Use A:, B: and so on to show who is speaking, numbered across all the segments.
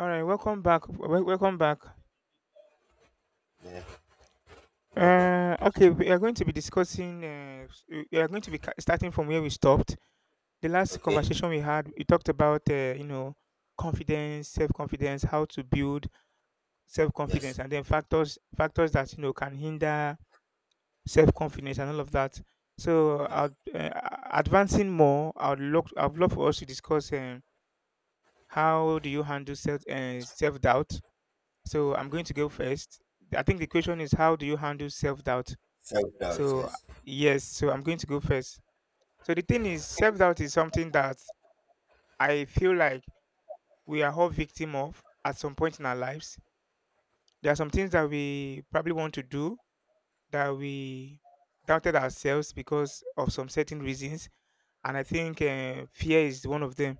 A: All right, welcome back. Welcome back.
B: Yeah. Okay.
A: Okay, we are going to be discussing. We are going to be starting from where we stopped. The last
B: Okay.
A: conversation we had, we talked about you know, confidence, self confidence, how to build self
B: Yes.
A: confidence, and then factors that, you know, can hinder self confidence and all of that. So,
B: Yes.
A: advancing more, I'd love for us to discuss how do you handle self doubt? So I'm going to go first. I think the question is, how do you handle self doubt?
B: Self doubt.
A: So,
B: Yes.
A: yes, so I'm going to go first. So, the thing is, self doubt is something that I feel like we are all victim of at some point in our lives. There are some things that we probably want to do that we doubted ourselves because of some certain reasons. And I think fear is one of them.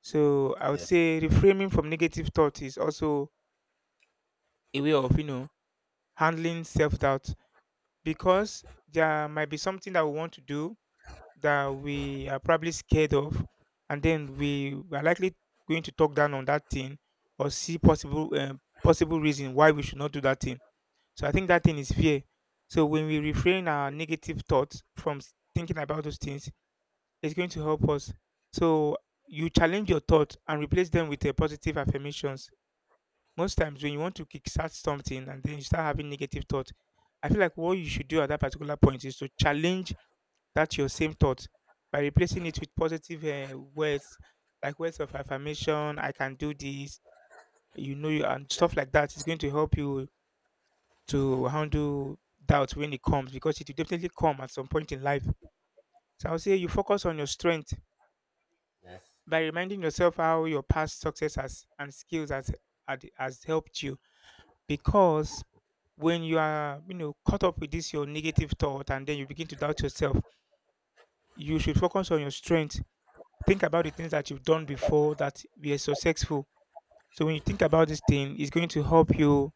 A: So, I would
B: Yes.
A: say reframing from negative thought is also a way of, you know, handling self doubt, because there might be something that we want to do that we are probably scared of, and then we are likely going to talk down on that thing or see possible possible reason why we should not do that thing. So I think that thing is fear. So when we refrain our negative thoughts from thinking about those things, it's going to help us. So you challenge your thoughts and replace them with a positive affirmations. Most times when you want to kickstart something and then you start having negative thoughts, I feel like what you should do at that particular point is to challenge that your same thought by replacing it with positive words, like words of affirmation. I can do this, you know, you and stuff like that is going to help you to handle doubt when it comes, because it will definitely come at some point in life. So I would say you focus on your strength
B: Yes.
A: by reminding yourself how your past success has and skills has, has helped you, because when you are, you know, caught up with this your negative thought and then you begin to doubt yourself, you should focus on your strength. Think about the things that you've done before that were successful. So when you think about this thing, it's going to help you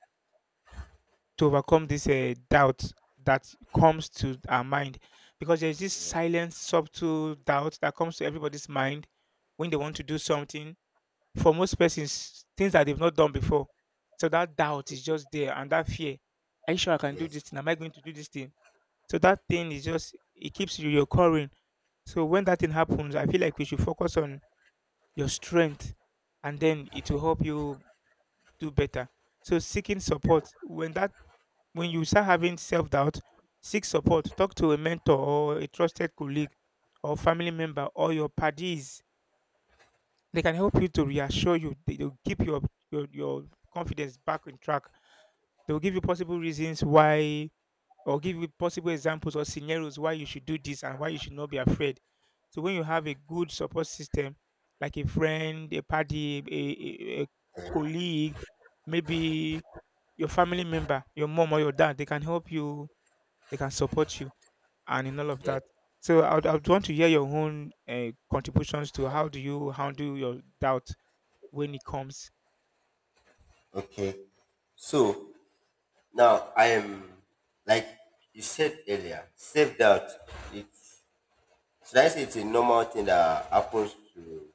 A: to overcome this doubt that comes to our mind, because there's this
B: Yes.
A: silent subtle doubt that comes to everybody's mind when they want to do something. For most persons, things that they've not done before, so that doubt is just there, and that fear. Are you sure I can do
B: Yes.
A: this thing? Am I going to do this thing? So that thing is just, it keeps reoccurring. So when that thing happens, I feel like we should focus on your strength, and then it will help you do better. So, seeking support. When that, when you start having self doubt, seek support. Talk to a mentor or a trusted colleague or family member or your paddies. They can help you to reassure you. They'll keep your your confidence back on track. They'll give you possible reasons why, or give you possible examples or scenarios why you should do this and why you should not be afraid. So when you have a good support system, like a friend, a party, a
B: Yeah.
A: colleague, maybe your family member, your mom or your dad, they can help you, they can support you, and in all of
B: Yeah.
A: that. So I would want to hear your own contributions to how do you handle your doubt when it comes.
B: Okay. So now I am, like you said earlier, self doubt. It's Should I say it's a normal thing that happens to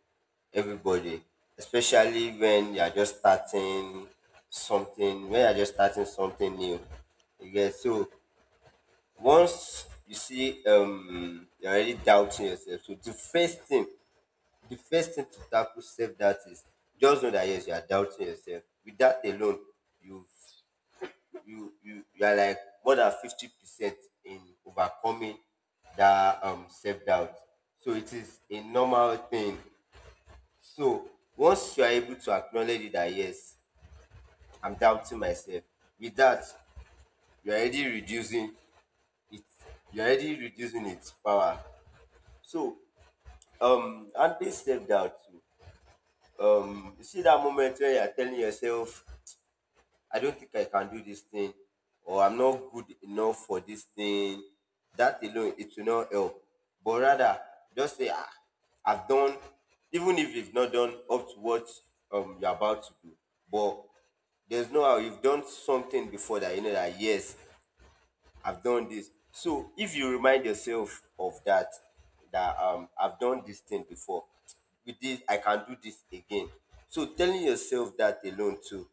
B: everybody, especially when you are just starting something? When you are just starting something new, you get so once you see you're already doubting yourself. So the first thing to tackle self doubt is just know that yes, you are doubting yourself. With that alone, you've you you you are like more than 50% in overcoming that self doubt. So it is a normal thing. So once you are able to acknowledge it that yes, I'm doubting myself, with that you're already reducing it you're already reducing its power. So Anthony stepped out too. You see that moment where you're telling yourself, I don't think I can do this thing, or I'm not good enough for this thing. That alone, it will not help. But rather, just say, ah, I've done, even if you've not done up to what you're about to do. But there's no how you've done something before that, you know, that yes, I've done this. So if you remind yourself of that, that I've done this thing before, with this I can do this again. So telling yourself that alone too,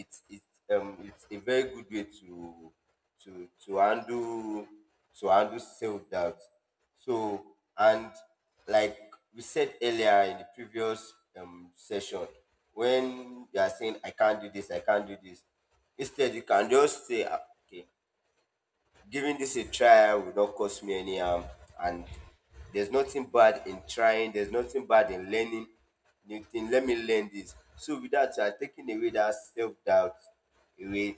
B: it's it's it's a very good way to to handle to handle self doubt. So, and like we said earlier in the previous session, when you are saying I can't do this, I can't do this, instead you can just say, "Ah, okay, giving this a try will not cause me any harm, and there's nothing bad in trying, there's nothing bad in learning new thing. Let me learn this." So with that, you are taking away that self-doubt away.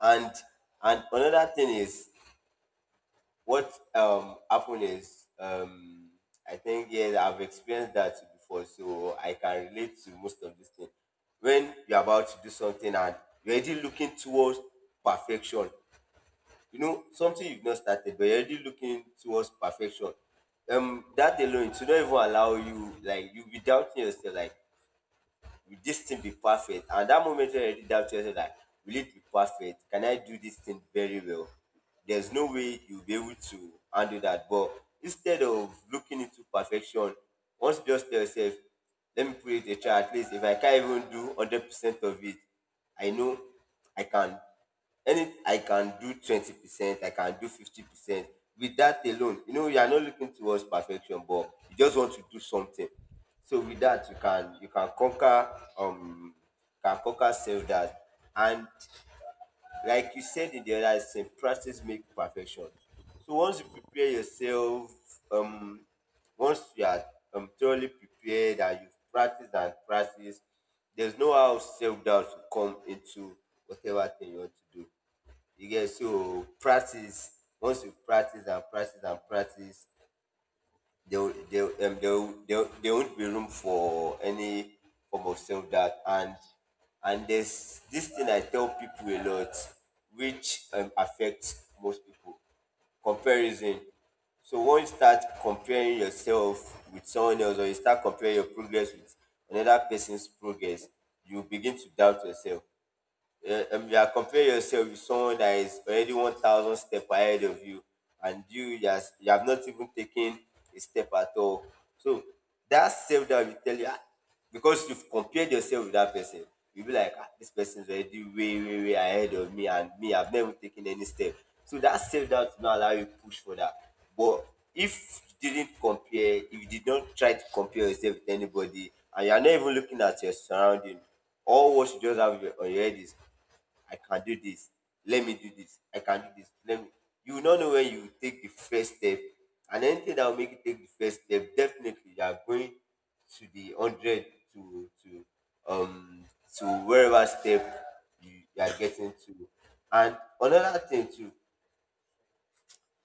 B: And another thing is, what happened is, I think, yeah, I've experienced that before, so I can relate to most of this thing. When you're about to do something and you're already looking towards perfection, you know, something you've not started but you're already looking towards perfection, that alone to not even allow you, like, you'll be doubting yourself, like, will this thing be perfect? And that moment you already doubt yourself, like, will it be perfect? Can I do this thing very well? There's no way you'll be able to handle that. But instead of looking into perfection, once just tell yourself, let me put it a try. At least if I can't even do 100 percent of it, I know I can, any I can do 20%, I can do 50%. With that alone, you know, you are not looking towards perfection, but you just want to do something. So with that, you can conquer self doubt. And like you said in the other sense, practice make perfection. So once you prepare yourself, um, once you are thoroughly prepared and you've practiced and practiced, there's no how self doubt to come into whatever thing you want to do. You get so practice. Once you practice and practice and practice, there will- there will- there won't be room for any form of self doubt. And there's this thing I tell people a lot, which affects most people: comparison. So once you start comparing yourself with someone else, or you start comparing your progress with another person's progress, you begin to doubt yourself. Yeah, you are comparing yourself with someone that is already 1,000 step ahead of you, and you have not even taken a step at all. So that self that will tell you, "Ah," because you've compared yourself with that person, you'll be like, ah, this person is already way, way, way ahead of me, and me, I've never taken any step. So that self doubt will not allow you push for that. But if you didn't compare, if you did not try to compare yourself with anybody, and you are not even looking at your surrounding, all what you just have on your head is, I can do this. Let me do this. I can do this. Let me. You will not know when you take the first step. And anything that will make you take the first step, definitely you are going to the hundred to to um to wherever step you are getting to. And another thing too,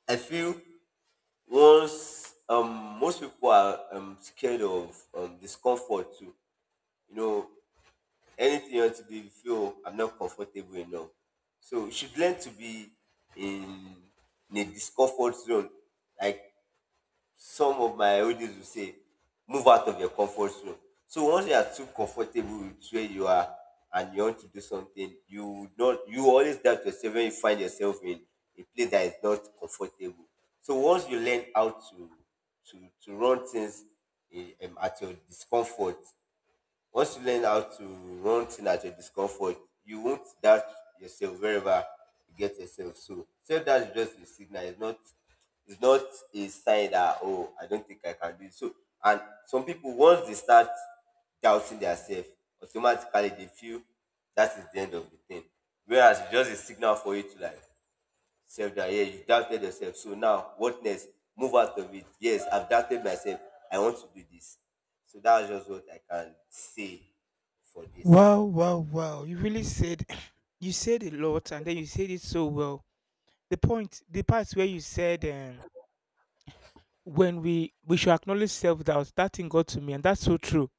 B: I feel once most people are scared of discomfort too. You know, anything you want to do, you feel I'm not comfortable enough. So you should learn to be in, in a discomfort zone. Like some of my audience will say, move out of your comfort zone. So once you are too comfortable with where you are and you want to do something, you would not you always doubt yourself when you find yourself in a place that is not comfortable. So once you learn how to run things at your discomfort, once you learn how to run things at your discomfort, you won't doubt yourself wherever you get yourself. So self doubt is just a signal. It's not a sign that, oh, I don't think I can do it. So, and some people once they start doubting themselves, automatically they feel that is the end of the thing. Whereas it's just a signal for you to, like, self doubt. Yeah, you doubted yourself. So now, what next? Move out of it. Yes, I've doubted myself. I want to do this. So that's just what I can say for this.
A: Wow, wow, wow! You really said you said a lot, and then you said it so well. The point, the part where you said when we should acknowledge self doubt, that thing got to me, and that's so true.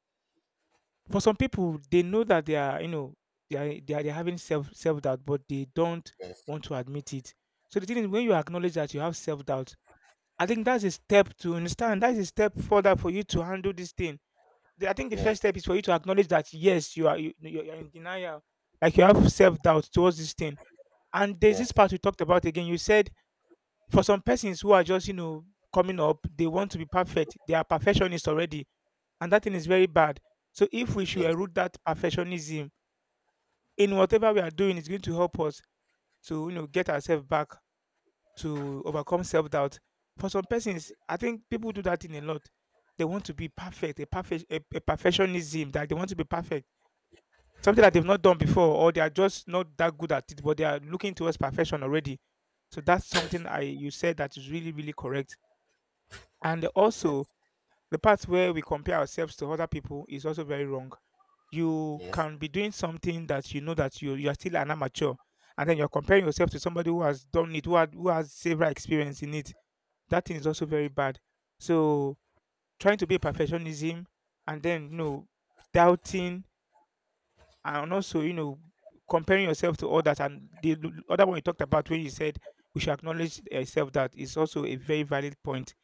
A: For some people, they know that they are, you know, they are having self doubt, but they don't
B: Yes,
A: want to admit it. So the thing is, when you acknowledge that you have self doubt, I think that's a step to understand. That's a step further for you to handle this thing. I think the first
B: yes,
A: step is for you to acknowledge that yes, you are, you are in denial, like you have self doubt towards this thing. And there's this
B: yes,
A: part we talked about again. You said, for some persons who are just, you know, coming up, they want to be perfect. They are perfectionists already, and that thing is very bad. So if we should
B: yes,
A: erude that perfectionism in whatever we are doing, it's going to help us to, you know, get ourselves back to overcome self-doubt. For some persons, I think people do that in a lot. They want to be perfect, a perfectionism, that they want to be perfect, something that they've
B: yes,
A: not done before, or they are just not that good at it, but they are looking towards perfection already. So that's something I, you said, that is really really correct. And also,
B: yes,
A: the part where we compare ourselves to other people is also very wrong. You
B: yes,
A: can be doing something that you know that you are still an amateur, and then you're comparing yourself to somebody who has done it, who has several experience in it. That thing is also very bad. So, trying to be a perfectionism, and then, you know, doubting, and also, you know, comparing yourself to others. And the other one you talked about, when you said we should acknowledge yourself, that is also a very valid point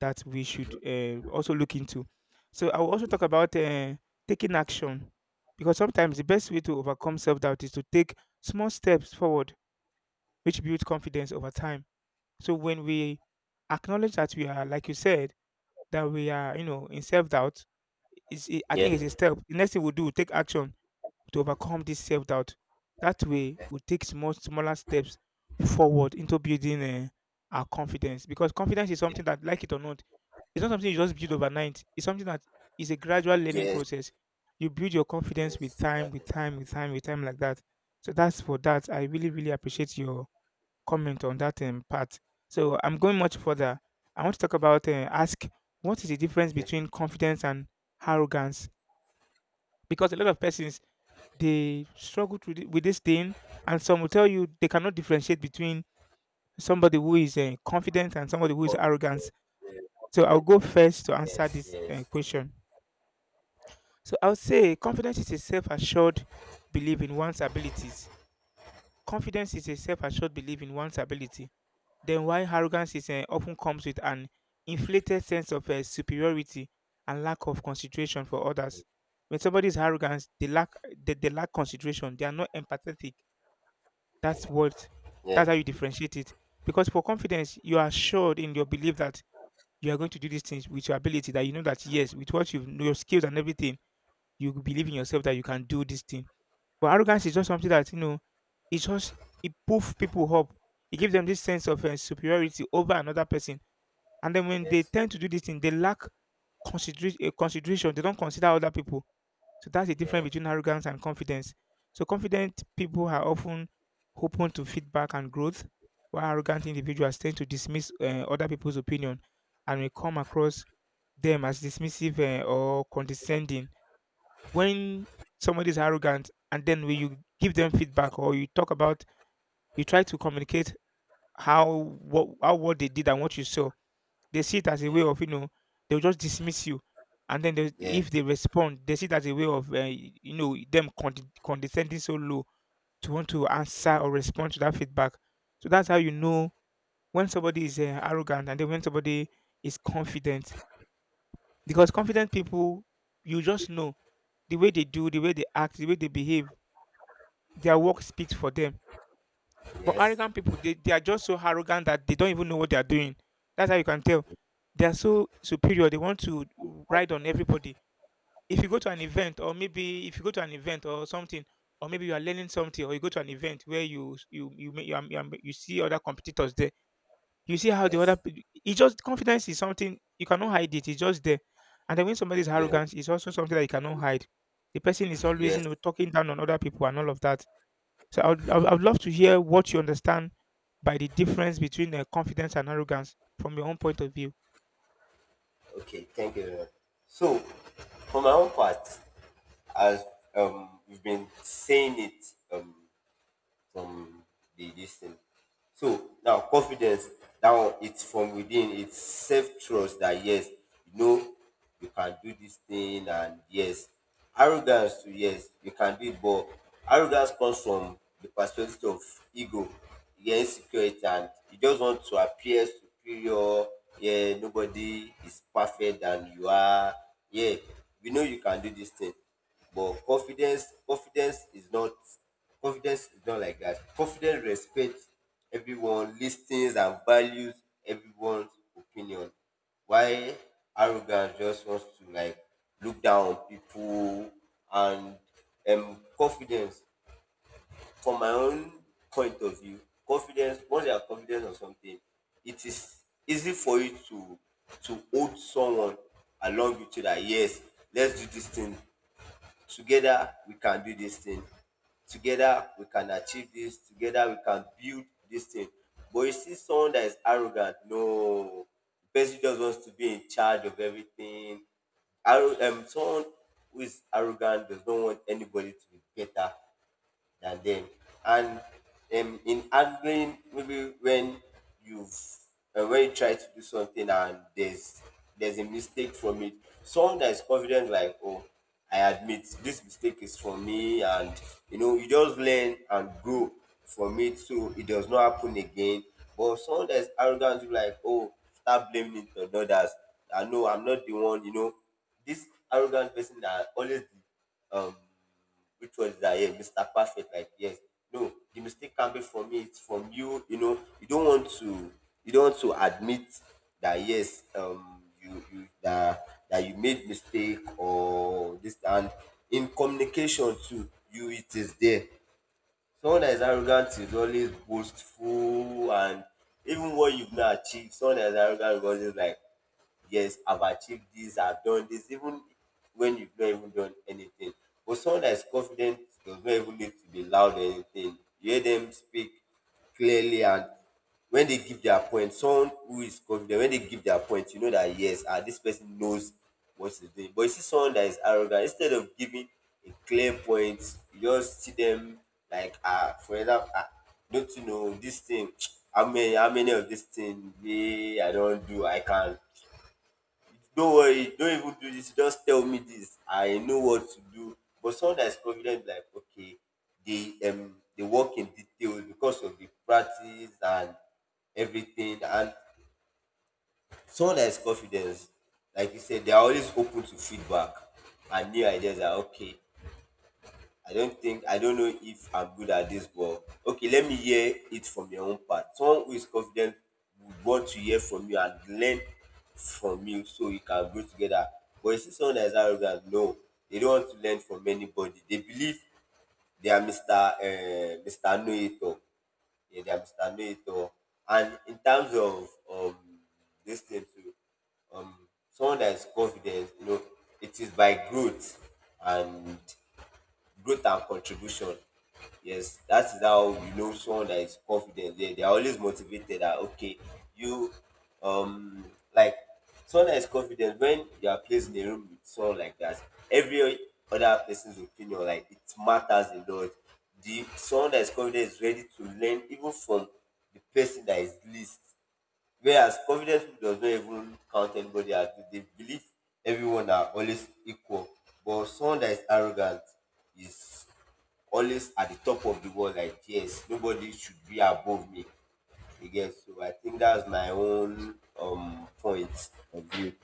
A: that we should also look into. So I will also talk about taking action, because sometimes the best way to overcome self doubt is to take small steps forward, which builds confidence over time. So when we acknowledge that we are, like you said, that we are, you know, in self doubt, is, I
B: yeah,
A: think it's a step. The next thing we do, take action to overcome this self doubt. That way, we take small, smaller steps forward into building our confidence, because confidence is something that, like it or not, it's not something you just build overnight. It's something that is a gradual learning
B: yes,
A: process. You build your confidence with
B: yes.
A: time, with
B: Exactly.
A: time, with time, with time, like that. So that's for that. I really, really appreciate your comment on that part. So I'm going much further. I want to talk about, ask, what is the difference
B: Okay.
A: between confidence and arrogance? Because a lot of persons, they struggle to with this thing, and some will tell you they cannot differentiate between somebody who is confident and somebody who is
B: Con-
A: arrogant.
B: yeah,
A: So I'll
B: yeah.
A: go first to answer
B: Yes,
A: this
B: yes,
A: question. So I would say
B: okay.
A: confidence is a self-assured belief in one's abilities. Confidence is a self-assured belief in one's ability. Then why arrogance is often comes with an inflated sense of superiority and lack of consideration for others. When somebody is arrogant, they lack, they lack consideration. They are not empathetic. That's what,
B: Yeah,
A: that's how you differentiate it. Because for confidence, you are assured in your belief that you are going to do these things with your ability. That you know that yes, with what you know, your skills and everything, you believe in yourself that you can do this thing. But arrogance is just something that, you know, it just, it poof people up. It gives them this sense of superiority over another person, and then when they
B: yes,
A: tend to do this thing, they lack consideration. Consideration. They don't consider other people. So that's the difference
B: yes,
A: between arrogance and confidence. So confident people are often open to feedback and growth, while arrogant individuals tend to dismiss other people's opinion and may come across them as dismissive or condescending. When somebody is arrogant, and then when you give them feedback, or you talk about, you try to communicate how what, how what they did and what you saw, they see it as a
B: yeah,
A: way of, you know, they'll just dismiss you, and then they,
B: yes,
A: if they respond, they see it as a way of, you know, them condescending so low to want to answer or respond to that feedback. So that's how you know when somebody is arrogant, and then when somebody is confident. Because confident people, you just know, the way they do, the way they act, the way they behave. Their work speaks for them. But
B: yes,
A: arrogant people, they are just so arrogant that they don't even know what they are doing. That's how you can tell. They are so superior. They want to ride on everybody. If you go to an event, or maybe if you go to an event or something, or maybe you are learning something, or you go to an event where you are, you see other competitors there, you see how
B: yes,
A: It's just confidence is something you cannot hide it. It's just there. And then when somebody is
B: yeah,
A: arrogant, it's also something that you cannot hide. The person is always
B: yes.
A: talking down on other people and all of that. So I would I would love to hear what you understand by the difference between confidence and arrogance from your own point of view.
B: Okay, thank you very much. So, for my own part, as we've been saying it, um, from the this thing. So now confidence, that one, it's from within, it's self trust that yes, you know you can do this thing, and yes. Arrogance too, yes, you can do it, but arrogance comes from the perspective of ego, yeah, insecurity, and you just want to appear superior, yeah, nobody is perfect than you are. Yeah, we know you can do this thing, but confidence is not like that. Confidence respects everyone, listens and values everyone's opinion, why arrogance just wants to, like, look down on people. And confidence, from my own point of view, confidence, once you are confident of something, it is easy for you to hold someone along with you, that yes, let's do this thing. Together we can do this thing. Together we can achieve this. Together we can build this thing. But you see someone that is arrogant, no. The person just wants to be in charge of everything. Someone who is arrogant does not want anybody to be better than them. And in handling, maybe when you've when you try to do something and there's a mistake from it, someone that is confident, like, oh, I admit this mistake is from me, and you know, you just learn and grow from it, so it does not happen again. But someone that is arrogant, you like, oh, start blaming it on others. I know I'm not the one, you know. This arrogant person that always, um which was that, yeah, Mr. Perfect, like, yes. No, the mistake can be from me, it's from you, you know, you don't want to admit that yes, you, you that you made mistake or this. And in communication too, you, it is there. Someone that is arrogant is always boastful, and even what you've not achieved, someone that is arrogant is always like, yes, I've achieved this, I've done this, even when you've not even done anything. But someone that is confident does not even need to be loud or anything. You hear them speak clearly, and when they give their point, someone who is confident, when they give their point, you know that yes, ah, this person knows what he's doing. But you see someone that is arrogant, instead of giving a clear point, you just see them like, ah, for example, ah, don't you know this thing? How many of this thing, me, I don't do, I can, don't worry, don't even do this. Just tell me this. I know what to do. But someone that's confident, like, okay, they work in detail because of the practice and everything. And someone that's confident, like you said, they are always open to feedback and new ideas. Are okay. I don't know if I'm good at this, but okay, let me hear it from your own part. Someone who is confident would want to hear from you and learn from you so you can grow together. But you see someone that is arrogant, no, they don't want to learn from anybody. They believe they are Mr. Know-it-all. Yeah, they are Mr. Know-it-all. And in terms of this thing too, um someone that is confident it is by growth and growth and contribution. Yes, that is how you know someone that is confident. They are always motivated that okay, you um like someone that is confident, when you are placed in a room with someone like that, every other person's opinion, like, it matters a lot. The someone that is confident is ready to learn even from the person that is least. Whereas confidence people does not even count anybody as good. They believe everyone are always equal. But someone that is arrogant is always at the top of the world, like yes, nobody should be above me. Again, so I think that's my own point of view.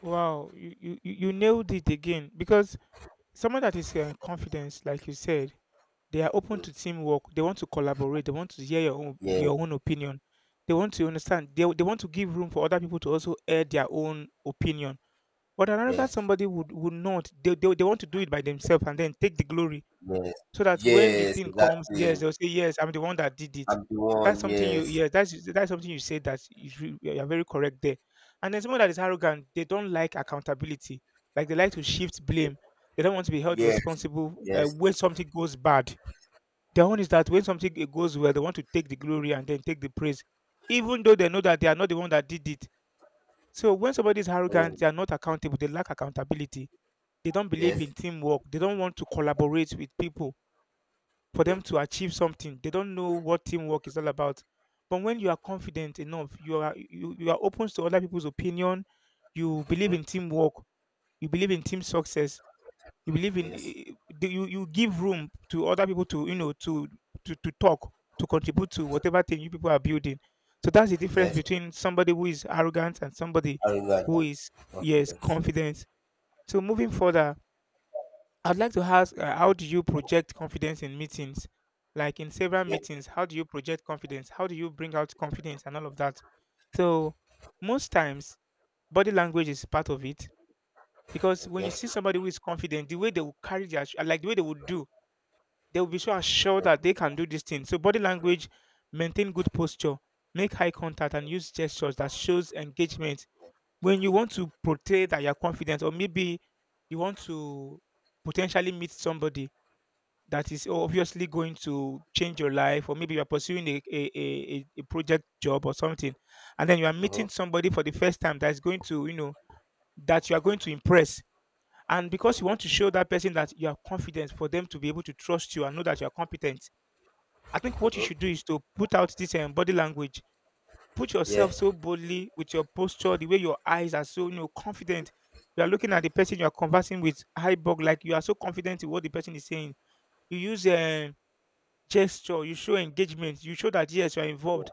A: Wow, you nailed it again because someone that is confident, like you said, they are open to teamwork. They want to collaborate. They want to hear
B: Yes,
A: your own opinion. They want to understand. They want to give room for other people to also air their own opinion. But an arrogant
B: yes,
A: somebody would not. They want to do it by themselves and then take the glory.
B: yes,
A: So that when the
B: yes,
A: thing comes,
B: exactly.
A: yes, they'll say, yes, I'm the one that did it.
B: I'm the one, yes,
A: That's something you said that is you are very correct there. And then someone that is arrogant, they don't like accountability. Like they like to shift blame. They don't want to be held
B: yes,
A: responsible
B: yes,
A: when something goes bad. Their own is that when something goes well, they want to take the glory and then take the praise, even though they know that they are not the one that did it. So when somebody is arrogant,
B: um,
A: they are not accountable. They lack accountability. They don't believe in
B: yes,
A: teamwork. They don't want to collaborate with people for
B: mm-hmm,
A: them to achieve something. They don't know what teamwork is all about. But when you are confident enough, you are open to other people's opinion. You believe in
B: mm-hmm,
A: teamwork. You believe in team success, you believe in
B: yes,
A: do you give room to other people to to to talk to contribute to whatever thing you people are building. So that's the difference
B: yes,
A: between somebody who is arrogant and somebody
B: arrogant
A: who
B: and
A: is yes
B: confident.
A: confident. So moving further, I'd like to ask, how do you project confidence in meetings? Like in several
B: Okay.
A: meetings, how do you project confidence? How do you bring out confidence and all of that? So most times, body language is part of it because when you see
B: Okay.
A: somebody who is confident, the way they will carry their, like the way they would do, they will be so assured that they can do this thing. So body language, maintain good posture, make eye contact, and use gestures that shows engagement. When you want to portray that you're confident, or maybe you want to potentially meet somebody that is obviously going to change your life, or maybe you're pursuing a project job or something, and then you are
B: Uh huh.
A: meeting somebody for the first time that is going to, you know, that you are going to impress. And because you want to show that person that you are confident for them to be able to trust you and know that you are competent, I think
B: Uh
A: what you should do
B: huh.
A: is to put out this body language. Put
B: Yeah.
A: yourself so boldly with your posture, the way your eyes are so you know confident. You are looking at the person you are conversing with, high bug, like you are so confident in what the person is saying. You use
B: Yes.
A: a gesture, you show engagement, you show that yes, you are
B: Yeah.
A: involved.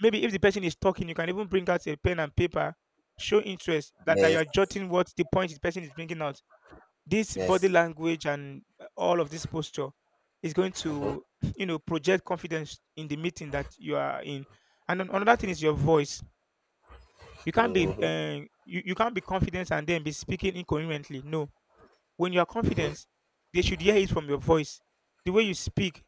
A: Maybe if the person is talking, you can even bring out a pen and paper, show interest that you
B: Yes.
A: are jotting what the point the person is bringing out. This body
B: Yes.
A: language and all of this posture is going to you know project confidence in the meeting that you are in. And another thing is your voice. You can't be you can't be confident and then be speaking incoherently. No, when you are confident they should hear it from your voice, the way you speak.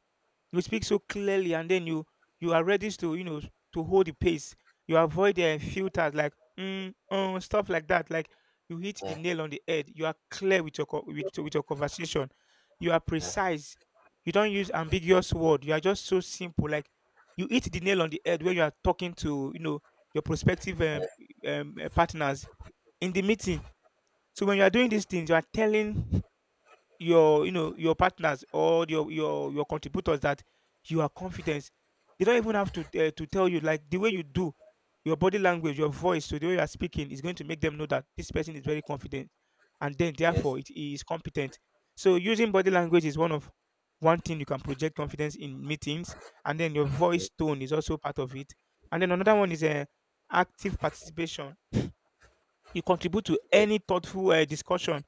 A: You speak so clearly and then you are ready to you know to hold the pace. You avoid the filters like stuff like that. Like you hit the
B: Yeah.
A: nail on the head, you are clear with your with your conversation. You are
B: Yeah.
A: precise, you don't use ambiguous word, you are just so simple. Like you hit the nail on the head when you are talking to you know your prospective
B: Yeah.
A: partners in the meeting. So when you are doing these things you are telling your you know your partners or your your contributors that you are confident. They don't even have to tell you. Like the way you do your body language, your voice, so the way you are speaking is going to make them know that this person is very confident, and then
B: Yes.
A: therefore it is competent. So using body language is one thing you can project confidence in meetings, and then your voice
B: Yes.
A: tone is also part of it. And then another one is active participation. You contribute to
B: Yes.
A: any thoughtful discussion.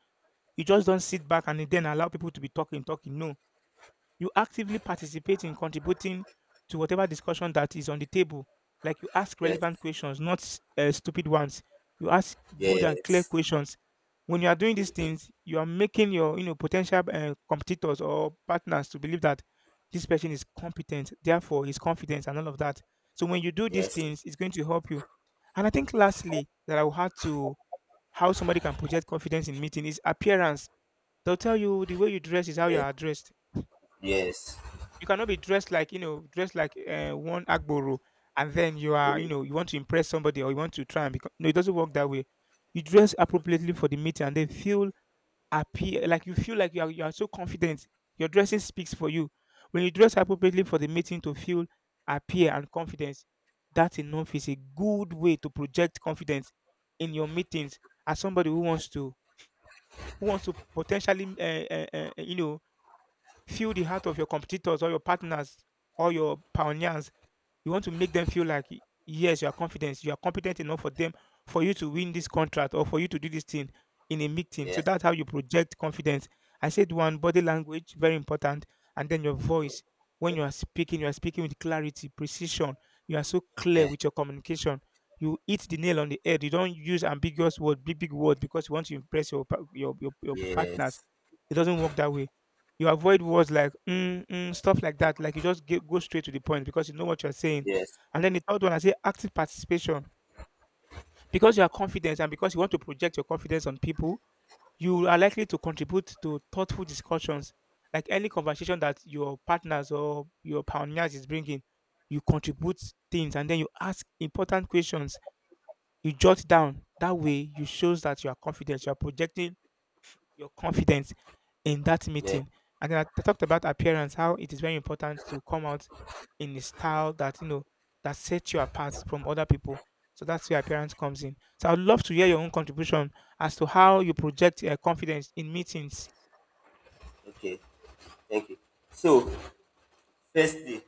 A: You just don't sit back and then allow people to be talking, talking. No, you actively participate in contributing to whatever discussion that is on the table. Like you ask
B: Yes.
A: relevant questions, not stupid ones. You ask good and clear
B: Yes.
A: questions. When you are doing these things, you are making your you know potential competitors or partners to believe that this person is competent, therefore he's confident and all of that. So when you do these things, it's going to help you. And I think lastly that I will have to, how somebody can project confidence in meeting is appearance. They'll tell you the way you dress is how you are addressed.
B: Yes. Yes.
A: You cannot be dressed like you know, dressed like one agboro, and then you are you know you want to impress somebody or you want to try and become. No, it doesn't work that way. You dress appropriately for the meeting, and then feel happy, like you feel like you are so confident. Your dressing speaks for you. When you dress appropriately for the meeting to feel appear and confidence, that enough is a good way to project confidence in your meetings as somebody who wants to, who wants to potentially you know feel the heart of your competitors or your partners or your pioneers. You want to make them feel like, yes, you are confident. You are competent enough for them, for you to win this contract or for you to do this thing in a meeting. So
B: Yes.
A: that's how you project confidence. I said one, body language, very important. And then your
B: Mm-hmm.
A: voice. When you are speaking with clarity, precision. You are so clear
B: Yeah.
A: with your communication. You hit the nail on the head. You don't use ambiguous words, big, big words, because you want to impress your, your partners.
B: Yes.
A: It doesn't work that way. You avoid words like stuff like that. Like you just go straight to the point because you know what you're saying.
B: Yes.
A: And then the third one, I say active participation, because you are confident and because you want to project your confidence on people. You are likely to contribute to thoughtful discussions, like any conversation that your partners or your pioneers is bringing. You contribute things and then you ask important questions. You jot down. That way, you shows that you are confident. You are projecting your confidence in that
B: Yeah.
A: meeting. And I talked about appearance, how it is very important to come out in a style that you know that sets you apart from other people. So that's where appearance comes in. So I'd love to hear your own contribution as to how you project confidence in meetings.
B: Okay. Thank you. So, first day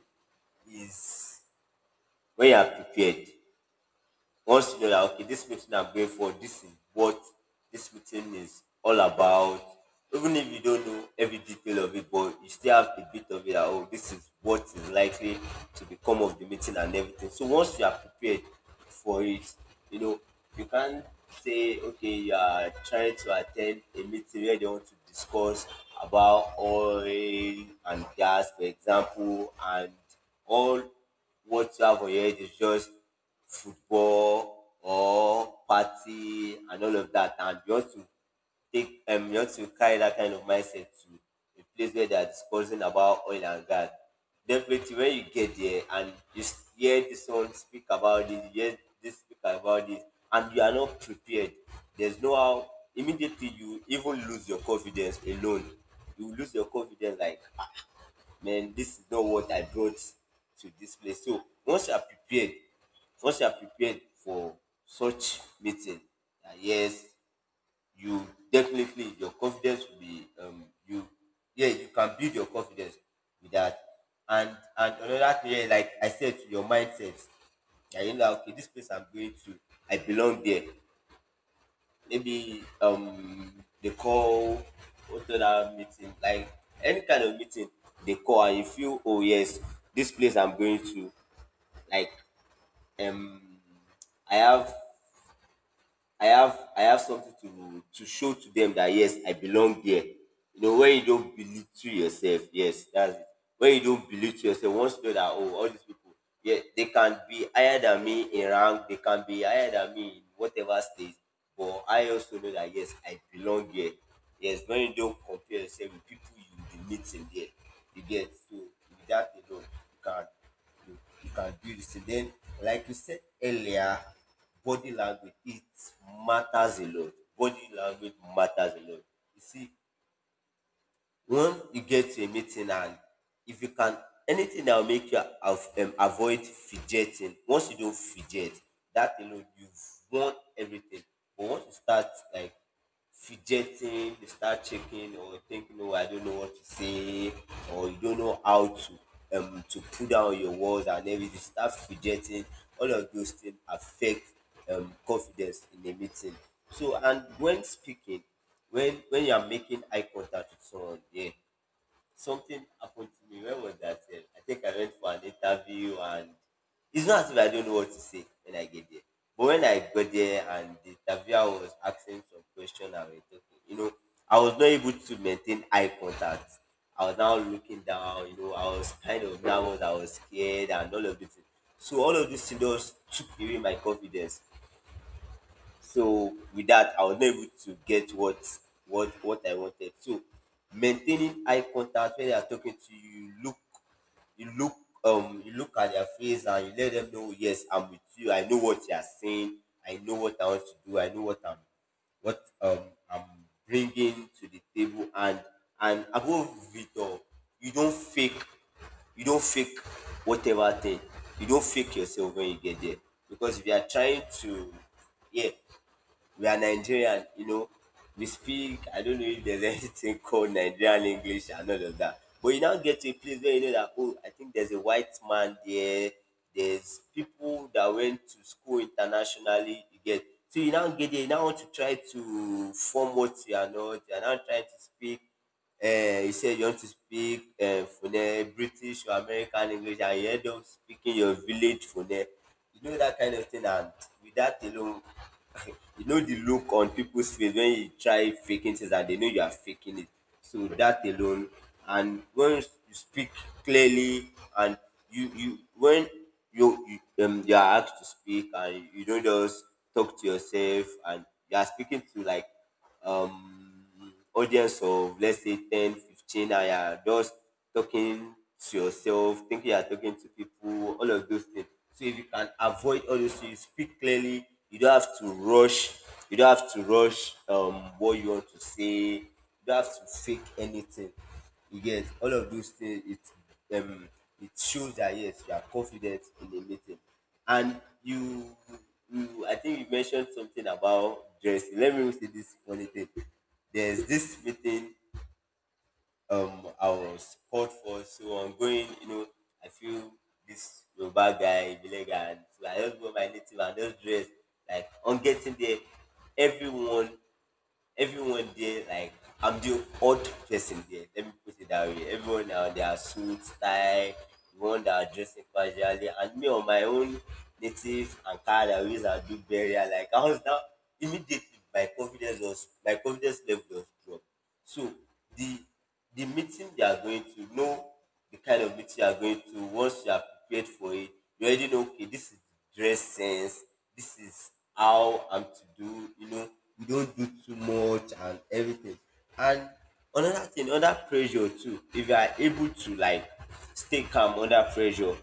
B: is when you are prepared. Once you're like, okay, this meeting I'm going for, this is what this meeting is all about. Even if you don't know every detail of it, but you still have a bit of it. That, oh, this is what is likely to become of the meeting and everything. So once you are prepared for it, you know, you can't say, okay, you are trying to attend a meeting where they want to discuss about oil and gas, for example, and all what you have on your head is just football or party and all of that. And you want to take you want to carry that kind of mindset to a place where they are discussing about oil and gas. Definitely, when you get there and hear this one speak about this, you hear this speak about this, and you are not prepared, there's no how. Immediately, you even lose your confidence alone. You lose your confidence like man, this is not what I brought to this place. So once you are prepared, once you are prepared for such meeting, yes, you definitely your confidence will be you yeah, you can build your confidence with that. And another thing, yeah, like I said, to your mindset, yeah, you know, okay, this place I'm going to, I belong there. Maybe they call, what's that meeting like, any kind of meeting they call, and you feel oh yes, this place I'm going to, like um i have I have something to show to them that yes, I belong there. You know, when you don't belittle yourself, yes, that's it. When you don't belittle yourself, once you know that oh, all these people, yeah, they can be higher than me in rank, they can be higher than me in whatever stage. But I also know that yes, I belong here. Yes, when you don't compare yourself with people you will be meeting there, you get, so with that alone, you, you can do this. Then, like you said earlier, body language, it matters a lot. Body language matters a lot. You see, when you get to a meeting, and if you can, anything that will make you avoid fidgeting, once you don't fidget, that alone you've won everything. But once you start like fidgeting, they start checking or thinking, oh, I don't know what to say, or you don't know how to put down your words and everything, start fidgeting. All of those things affect confidence in a meeting. So and when speaking, when you are making eye contact with someone, yeah, something happened to me. When was that? I think I went for an interview, and it's not as if I don't know what to say when I get there. But when I got there and the interviewer was asking some question and we were talking, you know, I was not able to maintain eye contact. I was now looking down, you know, I was kind of nervous, I was scared and all of this. So all of this thing just took away my confidence. So with that, I was not able to get what I wanted. So maintaining eye contact when they are talking to you, you look you look at their face and you let them know yes, I'm with you. I know what you are saying. I know what I want to do. I know what what um I'm bringing to the table. And above it all, you don't fake you don't fake whatever thing. You don't fake yourself when you get there, because if you are trying to, yeah, we are Nigerian, you know. We speak, I don't know if there's anything called Nigerian English and all of that. But you now get to a place where you know that, oh, I think there's a white man there, there's people that went to school internationally, you get. So you now get there, you now want to try to form what you are not, you are now trying to speak you said you want to speak Fune, British or American English, and you end up speaking your village Fune. You know that kind of thing, and with that alone, you know the look on people's face when you try faking things that they know you are faking it. So that alone, and when you speak clearly, and you when you, you you are asked to speak, and you don't just talk to yourself, and you are speaking to like um audience of, let's say, 10, 15. And you're just talking to yourself thinking you're talking to people, all of those things. So if you can avoid all those things, speak clearly, you don't have to rush, you don't have to rush what you want to say, you don't have to fake anything. You get all of those things, it shows that yes, you are confident in the meeting. And I think you mentioned something about dressing. Let me say this funny thing. There's this meeting I was called for, so I'm going. You know, I feel this Yoruba guy, Ibile guy, and so I just wear my native and just dress, like, on getting there. Everyone everyone there, like, I'm the odd person there. Let me put it that way. Everyone now they are suit style, the one that are dressing casually, and me on my own native and car that ways I do burial. Like I was now, immediately, my confidence level was dropped. So the the meeting you are going to know, the kind of meeting you are going to, once you are prepared for it, you already know okay, this is the dress sense, this is how I'm to do, you know, you don't do too much and everything. And another thing, under pressure too, if you are able to like stay calm under pressure,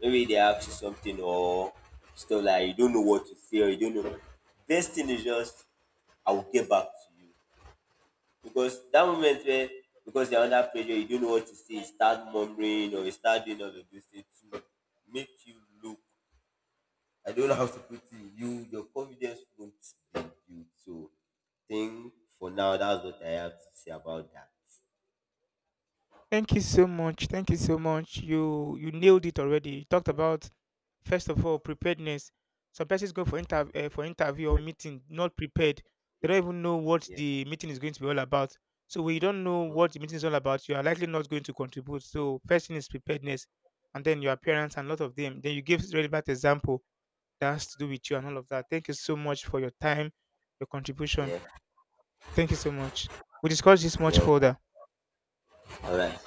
B: maybe they ask you something or stuff like you don't know what to say or you don't know. Best thing is just I will get back to you, because that moment where, because you're under pressure, you don't know what to say, you start murmuring or you start doing all of those things to make you look. I don't know how to put it. You your confidence won't be built. So think, for now that's what I have to say about that.
A: Thank you so much. Thank you so much. You nailed it already. You talked about first of all preparedness. Some persons go for inter for interview or meeting not prepared. They don't even know what
B: Yeah.
A: the meeting is going to be all about. So when you don't know
B: Mhm.
A: what the meeting is all about, you are likely not going to contribute. So first thing is preparedness, and then your appearance and a lot of them. Then you give relevant example that has to do with you and all of that. Thank you so much for your time, your contribution.
B: Yeah.
A: Thank you so much. We discuss this much
B: Yeah.
A: further.
B: All right.